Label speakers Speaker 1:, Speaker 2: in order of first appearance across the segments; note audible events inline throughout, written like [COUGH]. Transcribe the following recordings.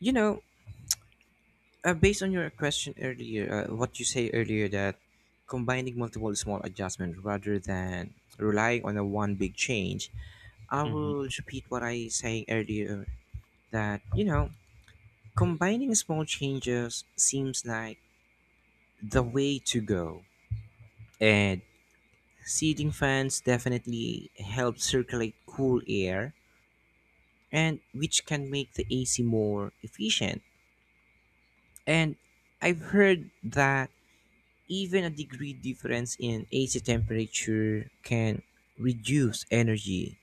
Speaker 1: You know, Based on your question earlier, what you say earlier that combining multiple small adjustments rather than relying on a one big change, I
Speaker 2: Mhm.
Speaker 1: will repeat what I saying earlier that combining small changes seems like the way to go, and seating fans definitely help circulate cool air, and which can make the AC more efficient. And I've heard that even a degree difference in AC temperature can reduce energy.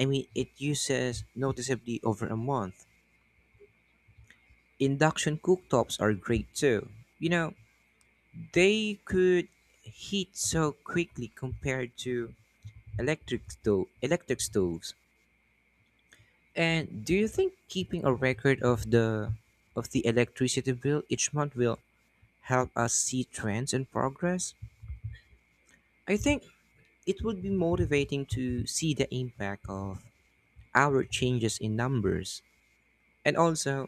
Speaker 1: I mean, it uses noticeably over a month. Induction cooktops are great too. You know, they could heat so quickly compared to electric stoves. And do you think keeping a record of the electricity bill each month will help us see trends and progress? I think it would be motivating to see the impact of our changes in numbers. And also,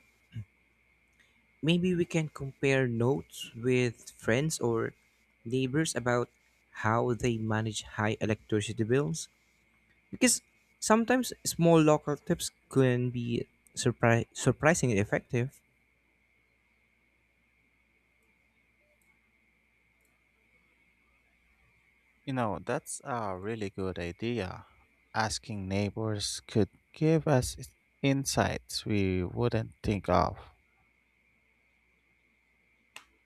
Speaker 1: maybe we can compare notes with friends or neighbors about how they manage high electricity bills. Because sometimes small local tips can be surprisingly effective.
Speaker 2: You know, that's a really good idea. Asking neighbors could give us insights we wouldn't think of.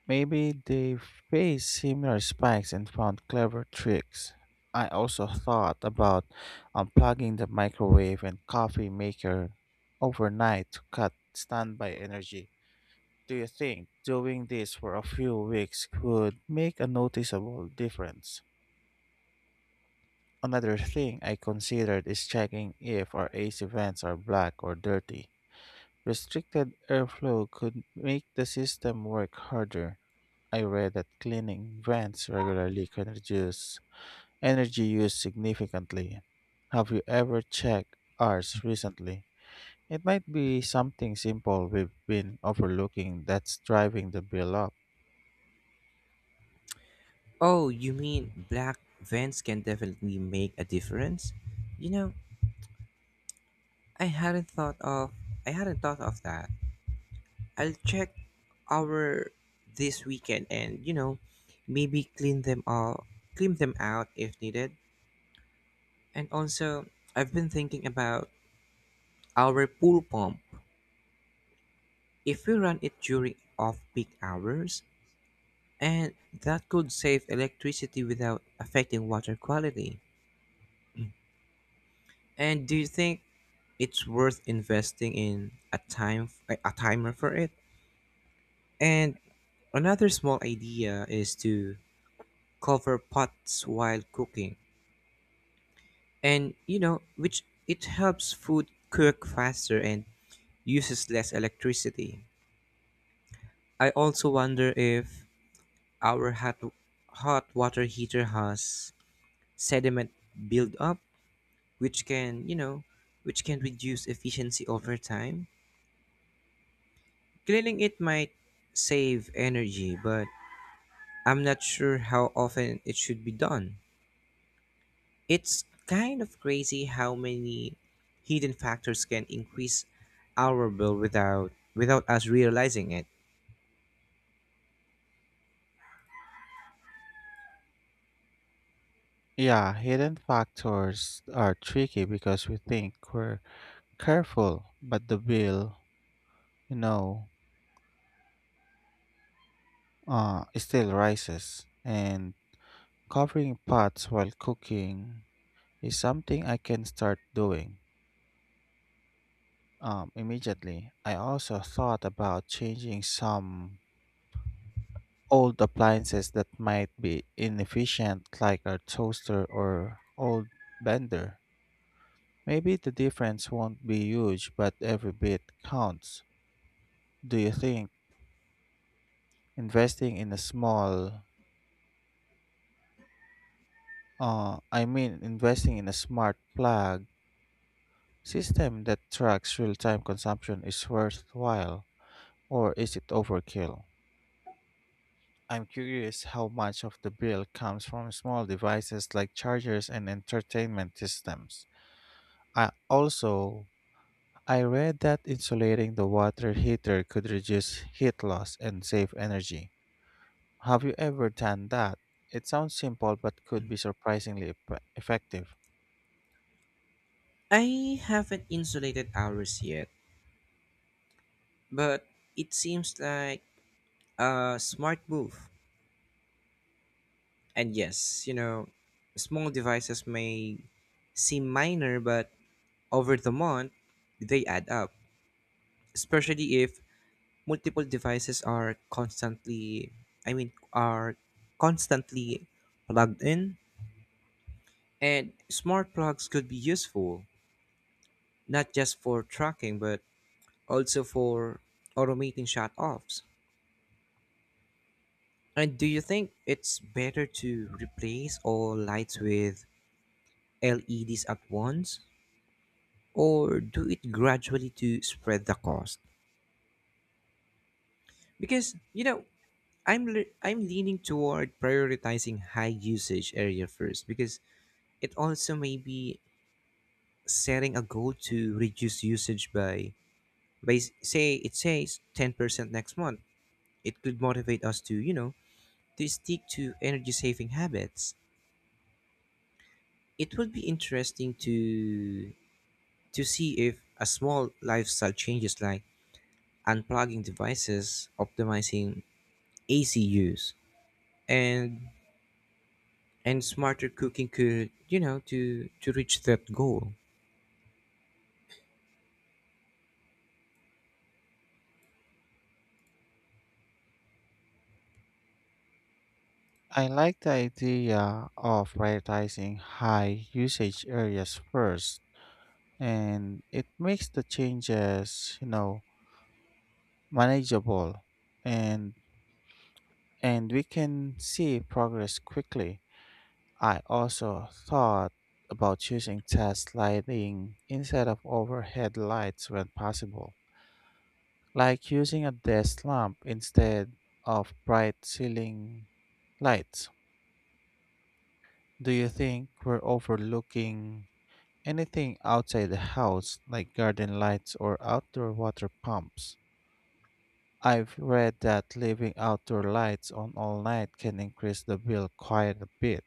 Speaker 2: Maybe they faced similar spikes and found clever tricks. I also thought about unplugging the microwave and coffee maker overnight to cut standby energy. Do you think doing this for a few weeks could make a noticeable difference? Another thing I considered is checking if our AC vents are black or dirty. Restricted airflow could make the system work harder. I read that cleaning vents regularly can reduce energy use significantly. Have you ever checked ours recently? It might be something simple we've been overlooking that's driving the bill up.
Speaker 1: Oh, you mean black vents can definitely make a difference? You know, I hadn't thought of I hadn't thought of that. I'll check our this weekend and maybe clean them out if needed. And also I've been thinking about our pool pump. If we run it during off peak hours and that could save electricity without affecting water quality. And do you think it's worth investing in a timer for it? And another small idea is to cover pots while cooking and which it helps food cook faster and uses less electricity. I also wonder if our hot water heater has sediment buildup which can you know which can reduce efficiency over time. Cleaning it might save energy, but I'm not sure how often it should be done. It's kind of crazy how many hidden factors can increase our bill without us realizing it.
Speaker 2: Yeah, hidden factors are tricky because we think we're careful, but the bill you know, still rises. And covering pots while cooking is something I can start doing immediately. I also thought about changing some old appliances that might be inefficient, like our toaster or old blender. Maybe the difference won't be huge, but every bit counts. Do you think investing in a I mean, investing in a smart plug system that tracks real-time consumption is worthwhile, or is it overkill? I'm curious how much of the bill comes from small devices like chargers and entertainment systems. I also I read that insulating the water heater could reduce heat loss and save energy. Have you ever done that? It sounds simple but could be surprisingly effective.
Speaker 1: I haven't insulated ours yet, but it seems like a smart move. And yes, small devices may seem minor, but over the month, they add up, especially if multiple devices are are constantly plugged in. And smart plugs could be useful, not just for tracking, but also for automating shut offs. And do you think it's better to replace all lights with LEDs at once? Or do it gradually to spread the cost? Because, I'm leaning toward prioritizing high usage area first, because it also may be setting a goal to reduce usage by, say it says 10% next month. It could motivate us to, to stick to energy saving habits. It would be interesting to see if a small lifestyle changes like unplugging devices, optimizing AC use, and and smarter cooking could, to reach that goal.
Speaker 2: I like the idea of prioritizing high usage areas first, and it makes the changes manageable, and and we can see progress quickly. I also thought about using test lighting instead of overhead lights when possible, like using a desk lamp instead of bright ceiling lights. Do you think we're overlooking anything outside the house, like garden lights or outdoor water pumps? I've read that leaving outdoor lights on all night can increase the bill quite a bit,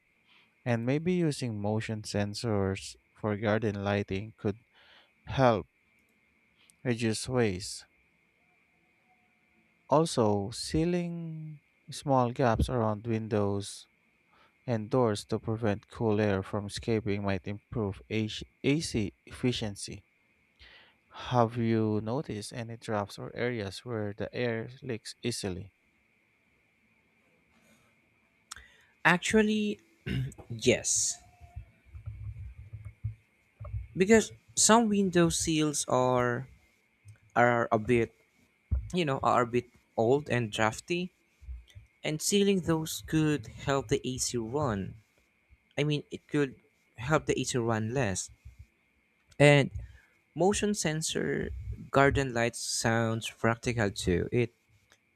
Speaker 2: and maybe using motion sensors for garden lighting could help reduce waste. Also, sealing small gaps around windows and doors to prevent cool air from escaping might improve AC efficiency. Have you noticed any drafts or areas where the air leaks easily?
Speaker 1: Actually, yes. Because some window seals are a bit, you know, are a bit old and drafty. And sealing those could help the AC run. I mean, it could help the AC run less. And motion sensor garden lights sounds practical too. It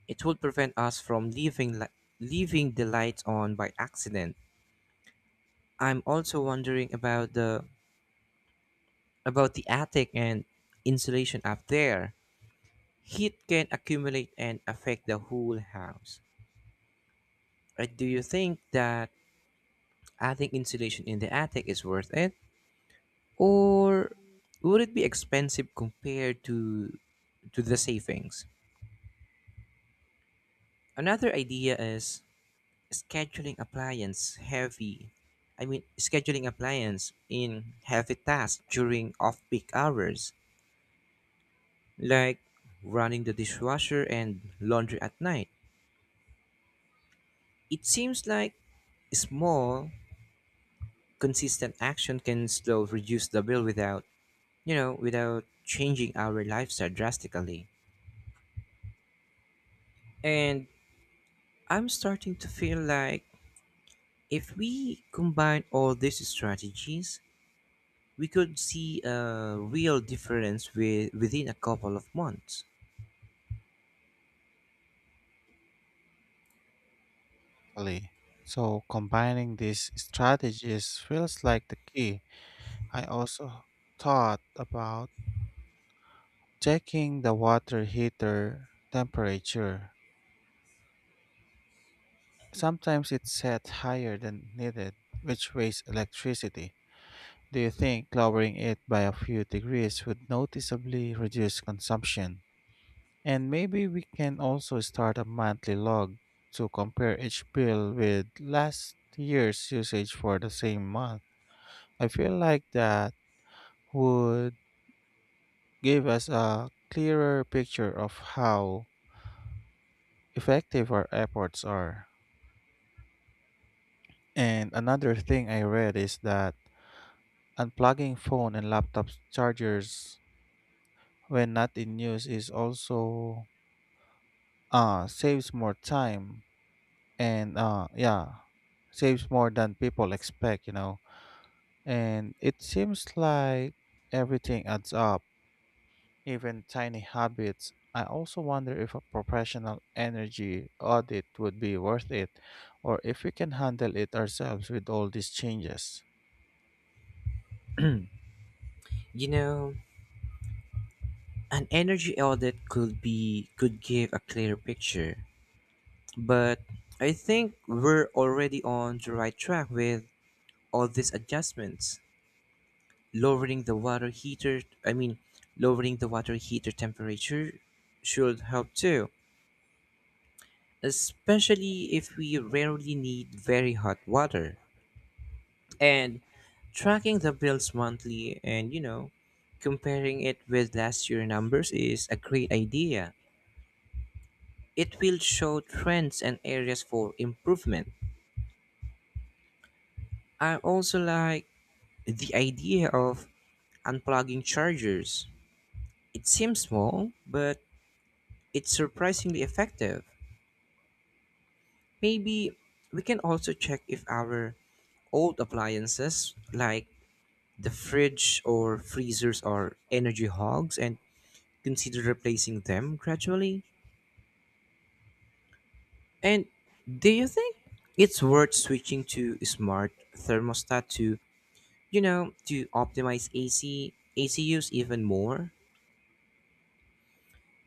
Speaker 1: it would prevent us from leaving the lights on by accident. I'm also wondering about the attic and insulation up there. Heat can accumulate and affect the whole house. Do you think that adding insulation in the attic is worth it? Or would it be expensive compared to the savings? Another idea is scheduling appliance heavy. Scheduling appliance in heavy tasks during off-peak hours, like running the dishwasher and laundry at night. It seems like small, consistent action can still reduce the bill without, without changing our lifestyle drastically. And I'm starting to feel like if we combine all these strategies, we could see a real difference within a couple of months.
Speaker 2: Exactly. So combining these strategies feels like the key. I also thought about checking the water heater temperature. Sometimes it's set higher than needed, which wastes electricity. Do you think lowering it by a few degrees would noticeably reduce consumption? And maybe we can also start a monthly log to compare each bill with last year's usage for the same month. I feel like that would give us a clearer picture of how effective our efforts are. And another thing I read is that unplugging phone and laptop chargers when not in use is also saves more time and yeah, saves more than people expect, you know, and it seems like everything adds up. Even tiny habits. I also wonder if a professional energy audit would be worth it, or if we can handle it ourselves with all these changes.
Speaker 1: You know, an energy audit could give a clear picture, but I think we're already on the right track with all these adjustments. Lowering the water heater, I mean, lowering the water heater temperature should help too, especially if we rarely need very hot water. And tracking the bills monthly and comparing it with last year numbers is a great idea. It will show trends and areas for improvement. I also like the idea of unplugging chargers. It seems small, but it's surprisingly effective. Maybe we can also check if our old appliances like the fridge or freezers are energy hogs and consider replacing them gradually. And do you think it's worth switching to smart thermostat to, to optimize AC use even more?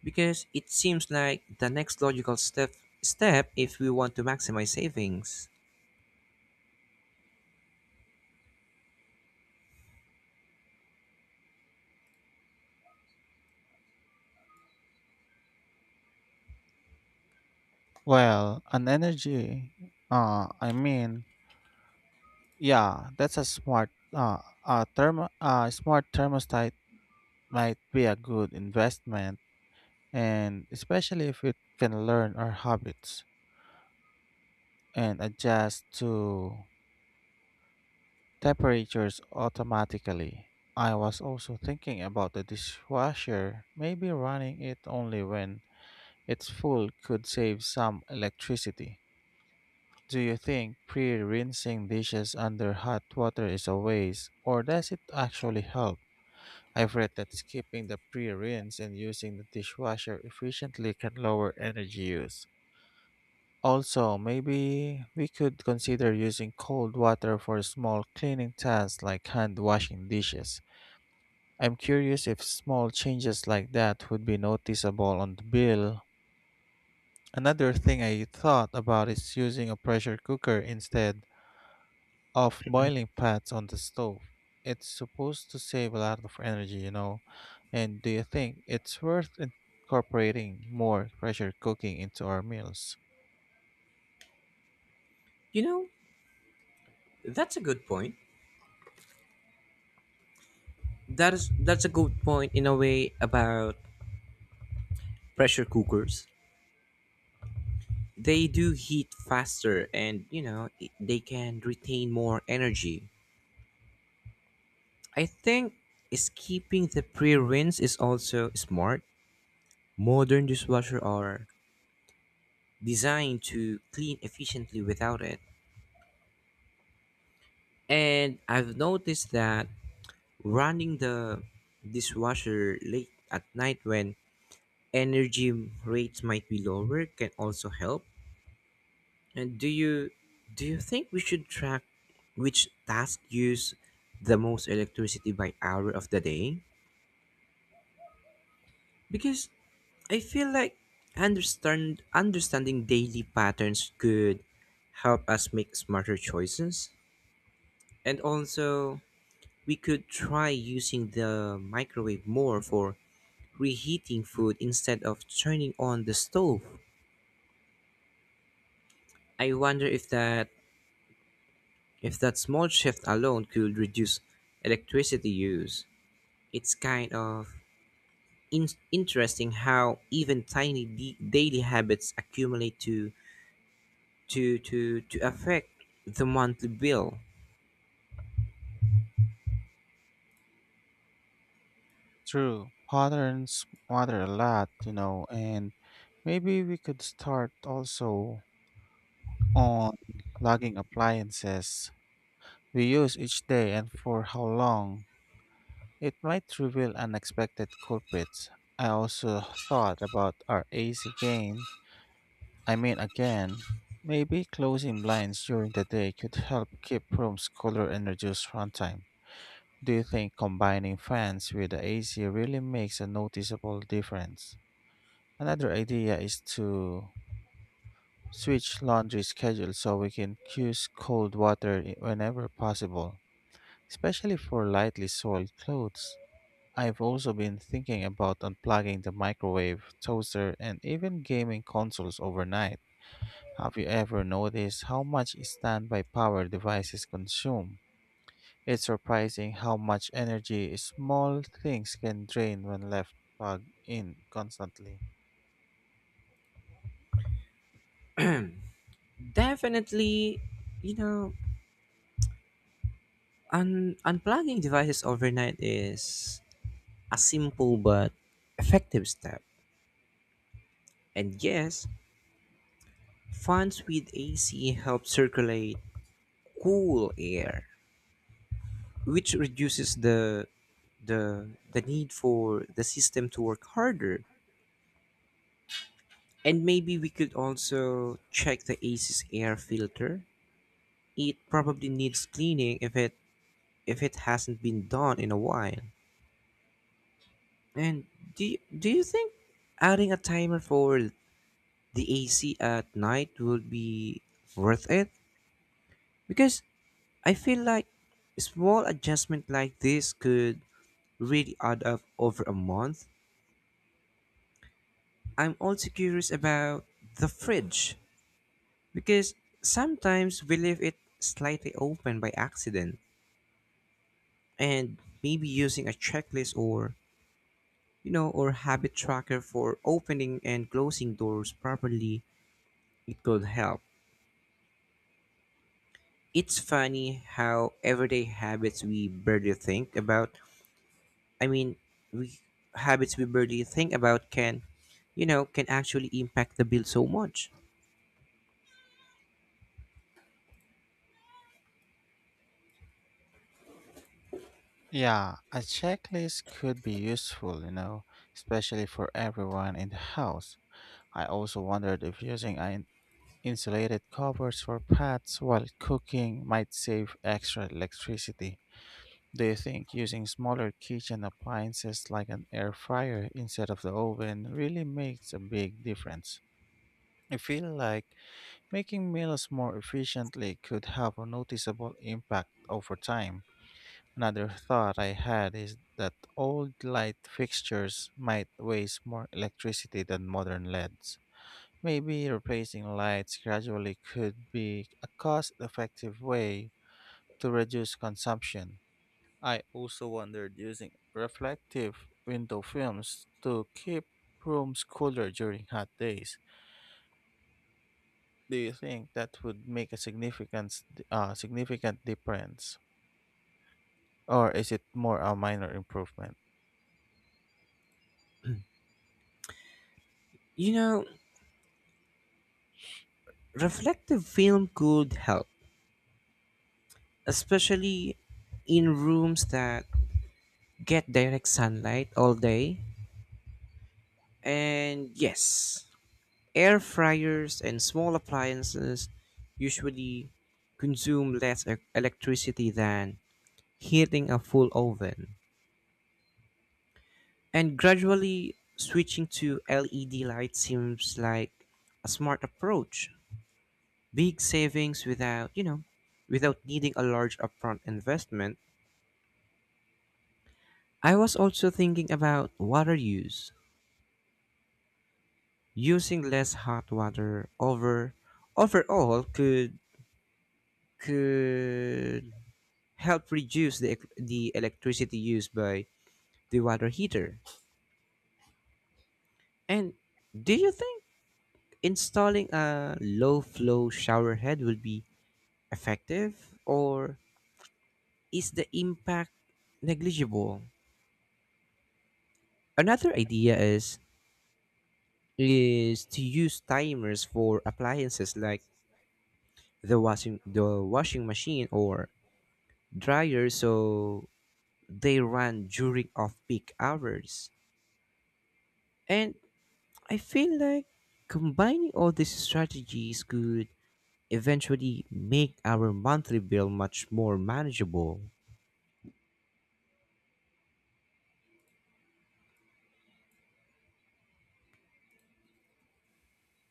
Speaker 1: Because it seems like the next logical step if we want to maximize savings.
Speaker 2: Well, an uh, I mean, yeah, that's a a smart thermostat might be a good investment, and especially if we can learn our habits and adjust to temperatures automatically. I was also thinking about the dishwasher. Maybe running it only when it's full could save some electricity. Do you think pre rinsing dishes under hot water is a waste, or does it actually help? I've read that skipping the pre rinse and using the dishwasher efficiently can lower energy use. Also, maybe we could consider using cold water for small cleaning tasks like hand washing dishes. I'm curious if small changes like that would be noticeable on the bill. Another thing I thought about is using a pressure cooker instead of boiling pots on the stove. It's supposed to save a lot of energy, you know. And do you think it's worth incorporating more pressure cooking into our meals?
Speaker 1: You know, that's a good point. That's a good point in a way about pressure cookers. They do heat faster and, they can retain more energy. I think skipping the pre-rinse is also smart. Modern dishwasher are designed to clean efficiently without it. And I've noticed that running the dishwasher late at night when energy rates might be lower can also help. And do you think we should track which tasks use the most electricity by hour of the day? Because I feel like understanding daily patterns could help us make smarter choices. And also, we could try using the microwave more for reheating food instead of turning on the stove. I wonder if that small shift alone could reduce electricity use. It's kind of in- Interesting how even daily habits accumulate to affect the monthly bill.
Speaker 2: True, patterns matter a lot, you know, and maybe we could start also on logging appliances we use each day and for how long. It might reveal unexpected culprits. I also thought about our AC gain. I mean, again, maybe closing blinds during the day could help keep rooms cooler and reduce runtime. Do you think combining fans with the AC really makes a noticeable difference? Another idea is to switch laundry schedule so we can use cold water whenever possible, especially for lightly soiled clothes. I've also been thinking about unplugging the microwave, toaster, and even gaming consoles overnight. Have you ever noticed how much standby power devices consume? It's surprising how much energy small things can drain when left plugged in constantly.
Speaker 1: Definitely you know un- unplugging devices overnight is a simple but effective step. And yes, fans with AC help circulate cool air, which reduces the need for the system to work harder. And maybe we could also check the AC's air filter. It probably needs cleaning if it hasn't been done in a while. And do you think adding a timer for the AC at night would be worth it? Because I feel like small adjustment like this could really add up over a month. I'm also curious about the fridge, because sometimes we leave it slightly open by accident, and maybe using a checklist or habit tracker for opening and closing doors properly, it could help. It's funny how everyday habits we barely think about, I mean, we habits we barely think about can, can actually impact the bill so much.
Speaker 2: Yeah, a checklist could be useful, you know, especially for everyone in the house. I also wondered if using an insulated covers for pots while cooking might save extra electricity. Do you think using smaller kitchen appliances like an air fryer instead of the oven really makes a big difference? I feel like making meals more efficiently could have a noticeable impact over time. Another thought I had is that old light fixtures might waste more electricity than modern LEDs. Maybe replacing lights gradually could be a cost effective way to reduce consumption. I also wondered using reflective window films to keep rooms cooler during hot days. Do you think that would make a significant difference? Or is it more a minor improvement?
Speaker 1: [CLEARS THROAT] You know, reflective film could help, especially in rooms that get direct sunlight all day. And yes, air fryers and small appliances usually consume less electricity than heating a full oven. And gradually switching to LED light seems like a smart approach. Big savings without, without needing a large upfront investment. I was also thinking about water use. Using less hot water overall could help reduce the electricity used by the water heater. And do you think installing a low flow shower head will be effective, or is the impact negligible? Another idea is to use timers for appliances like the washing machine or dryer so they ran during off-peak hours. And I feel like combining all these strategies could eventually make our monthly bill much more manageable.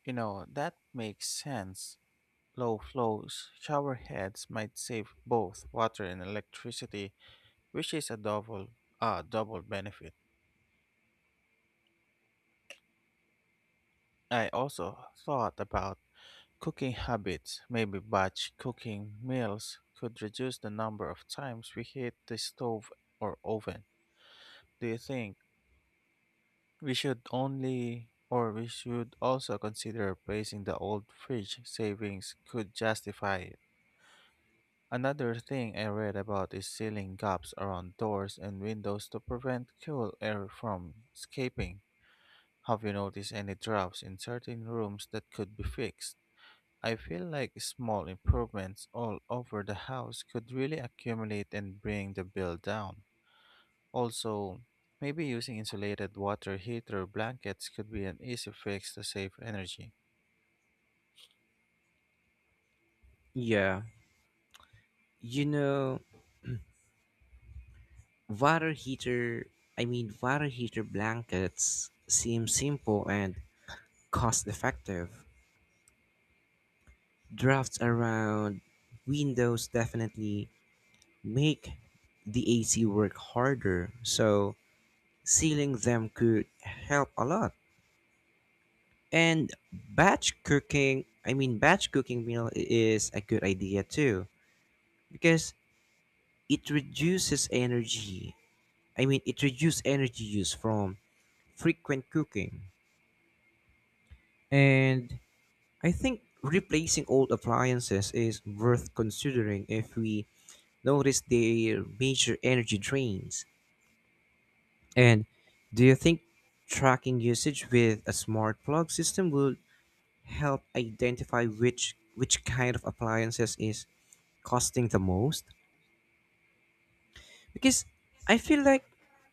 Speaker 2: You know, that makes sense. Low flows shower heads might save both water and electricity, which is a double benefit. I also thought about cooking habits. Maybe batch cooking meals could reduce the number of times we hit the stove or oven. Do you think we should also consider replacing the old fridge savings could justify it. Another thing I read about is sealing gaps around doors and windows to prevent cool air from escaping. Have you noticed any drops in certain rooms that could be fixed? I feel like small improvements all over the house could really accumulate and bring the bill down. Also, maybe using insulated water heater blankets could be an easy fix to save energy.
Speaker 1: Yeah, you know, water heater, water heater blankets seem simple and cost effective. Drafts around windows definitely make the AC work harder, so sealing them could help a lot. And batch cooking meal is a good idea too, because it reduces energy. It reduces energy use from frequent cooking. And I think replacing old appliances is worth considering if we notice their major energy drains. And do you think tracking usage with a smart plug system will help identify which kind of appliances is costing the most? Because I feel like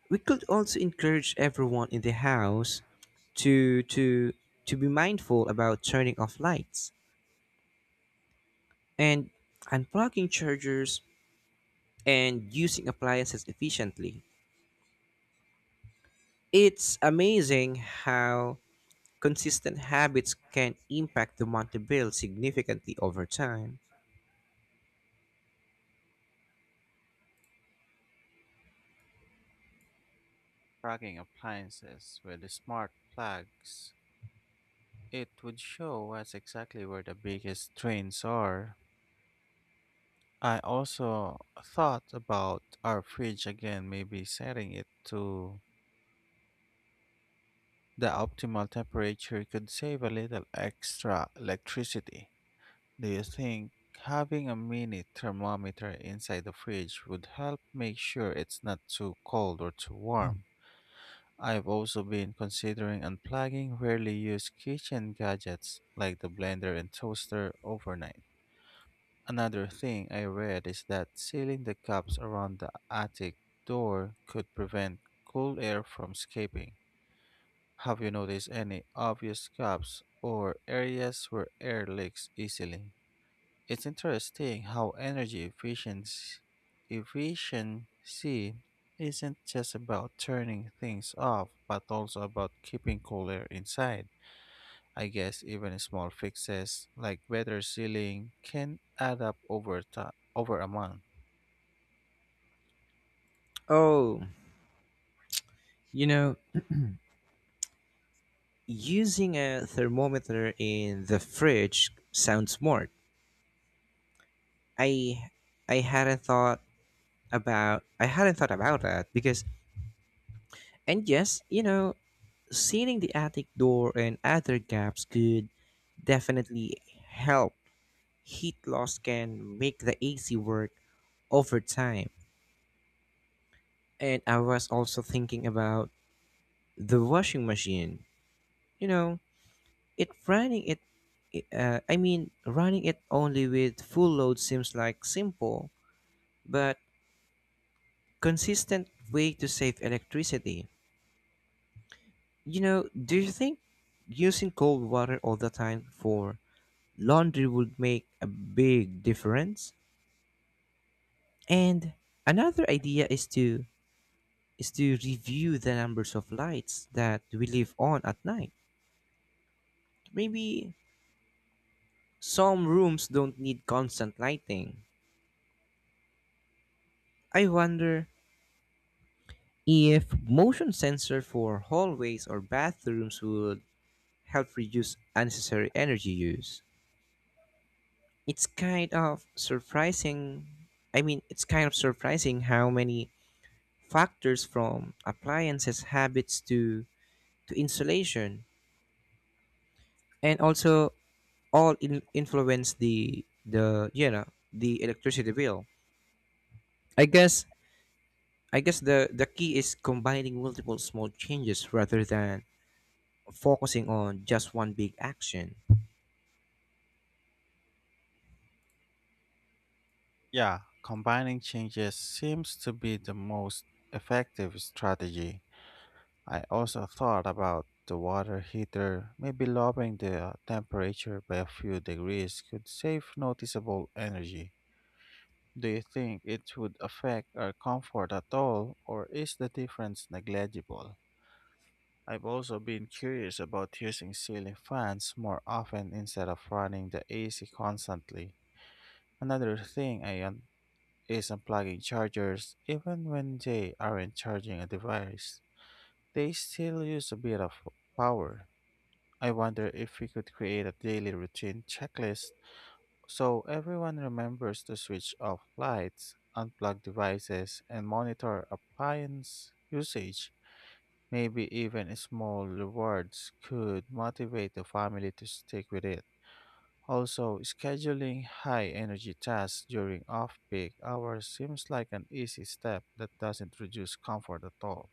Speaker 1: we could also encourage everyone in the house to to to be mindful about turning off lights and unplugging chargers and using appliances efficiently. It's amazing how consistent habits can impact the monthly bill significantly over time.
Speaker 2: Tracking appliances with smart plugs, it would show us exactly where the biggest drains are. I also thought about our fridge again. Maybe setting it to the optimal temperature could save a little extra electricity. Do you think having a mini thermometer inside the fridge would help make sure it's not too cold or too warm? I've also been considering unplugging rarely used kitchen gadgets like the blender and toaster overnight. Another thing I read is that sealing the cups around the attic door could prevent cool air from escaping. Have you noticed any obvious gaps or areas where air leaks easily? It's interesting how energy efficiency isn't just about turning things off, but also about keeping cool air inside. I guess even small fixes like better sealing can add up over time, over a month.
Speaker 1: oh you know Using a thermometer in the fridge sounds smart. I I hadn't thought I hadn't thought about that. Because and yes, sealing the attic door and other gaps could definitely help. Heat loss can make the AC work over time. And I was also thinking about the washing machine. You know, It running it, I mean, running it only with full load seems like simple but consistent way to save electricity. You know, do you think using cold water all the time for laundry would make a big difference? And another idea is to review the numbers of lights that we leave on at night. Maybe some rooms don't need constant lighting. I wonder if motion sensor for hallways or bathrooms would help reduce unnecessary energy use. It's kind of surprising. It's kind of surprising how many factors from appliances habits to insulation and also influence the you know the electricity bill. I guess I guess the key is combining multiple small changes rather than focusing on just one big action.
Speaker 2: Yeah, combining changes seems to be the most effective strategy. I also thought about the water heater. Maybe lowering the temperature by a few degrees could save noticeable energy. Do you think it would affect our comfort at all, or is the difference negligible? I've also been curious about using ceiling fans more often instead of running the AC constantly. Another thing is unplugging chargers even when they aren't charging a device. They still use a bit of power. I wonder if we could create a daily routine checklist so everyone remembers to switch off lights, unplug devices, and monitor appliance usage. Maybe even small rewards could motivate the family to stick with it. Also, scheduling high energy tasks during off peak hours seems like an easy step that doesn't reduce comfort at all.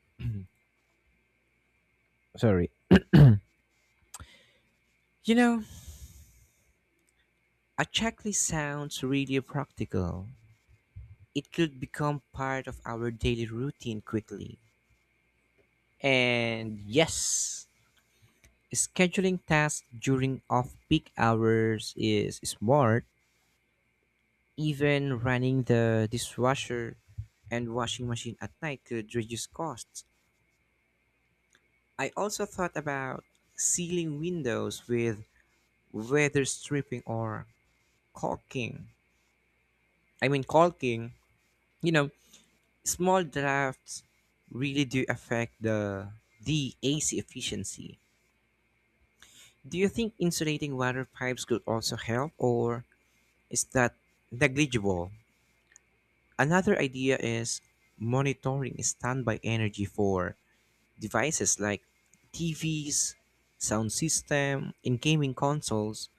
Speaker 1: [CLEARS THROAT] Sorry. [CLEARS THROAT] You know, a checklist sounds really practical. It could become part of our daily routine quickly. And yes, scheduling tasks during off peak hours is smart. Even running the dishwasher and washing machine at night could reduce costs. I also thought about sealing windows with weather stripping or caulking. Caulking, you know, small drafts really do affect the AC efficiency. Do you think insulating water pipes could also help, or is that negligible? Another idea is monitoring standby energy for devices like TVs, sound system, and gaming consoles.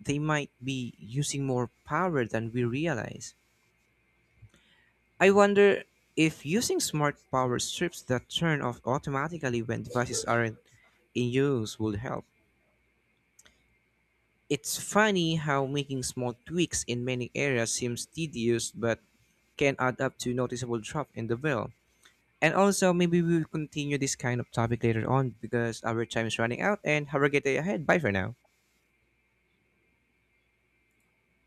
Speaker 1: They might be using more power than we realize. I wonder if using smart power strips that turn off automatically when devices aren't in use would help. It's funny how making small tweaks in many areas seems tedious but can add up to noticeable drop in the bill. And also, maybe we'll continue this kind of topic later on because our time is running out, and have a great day ahead. Bye for now.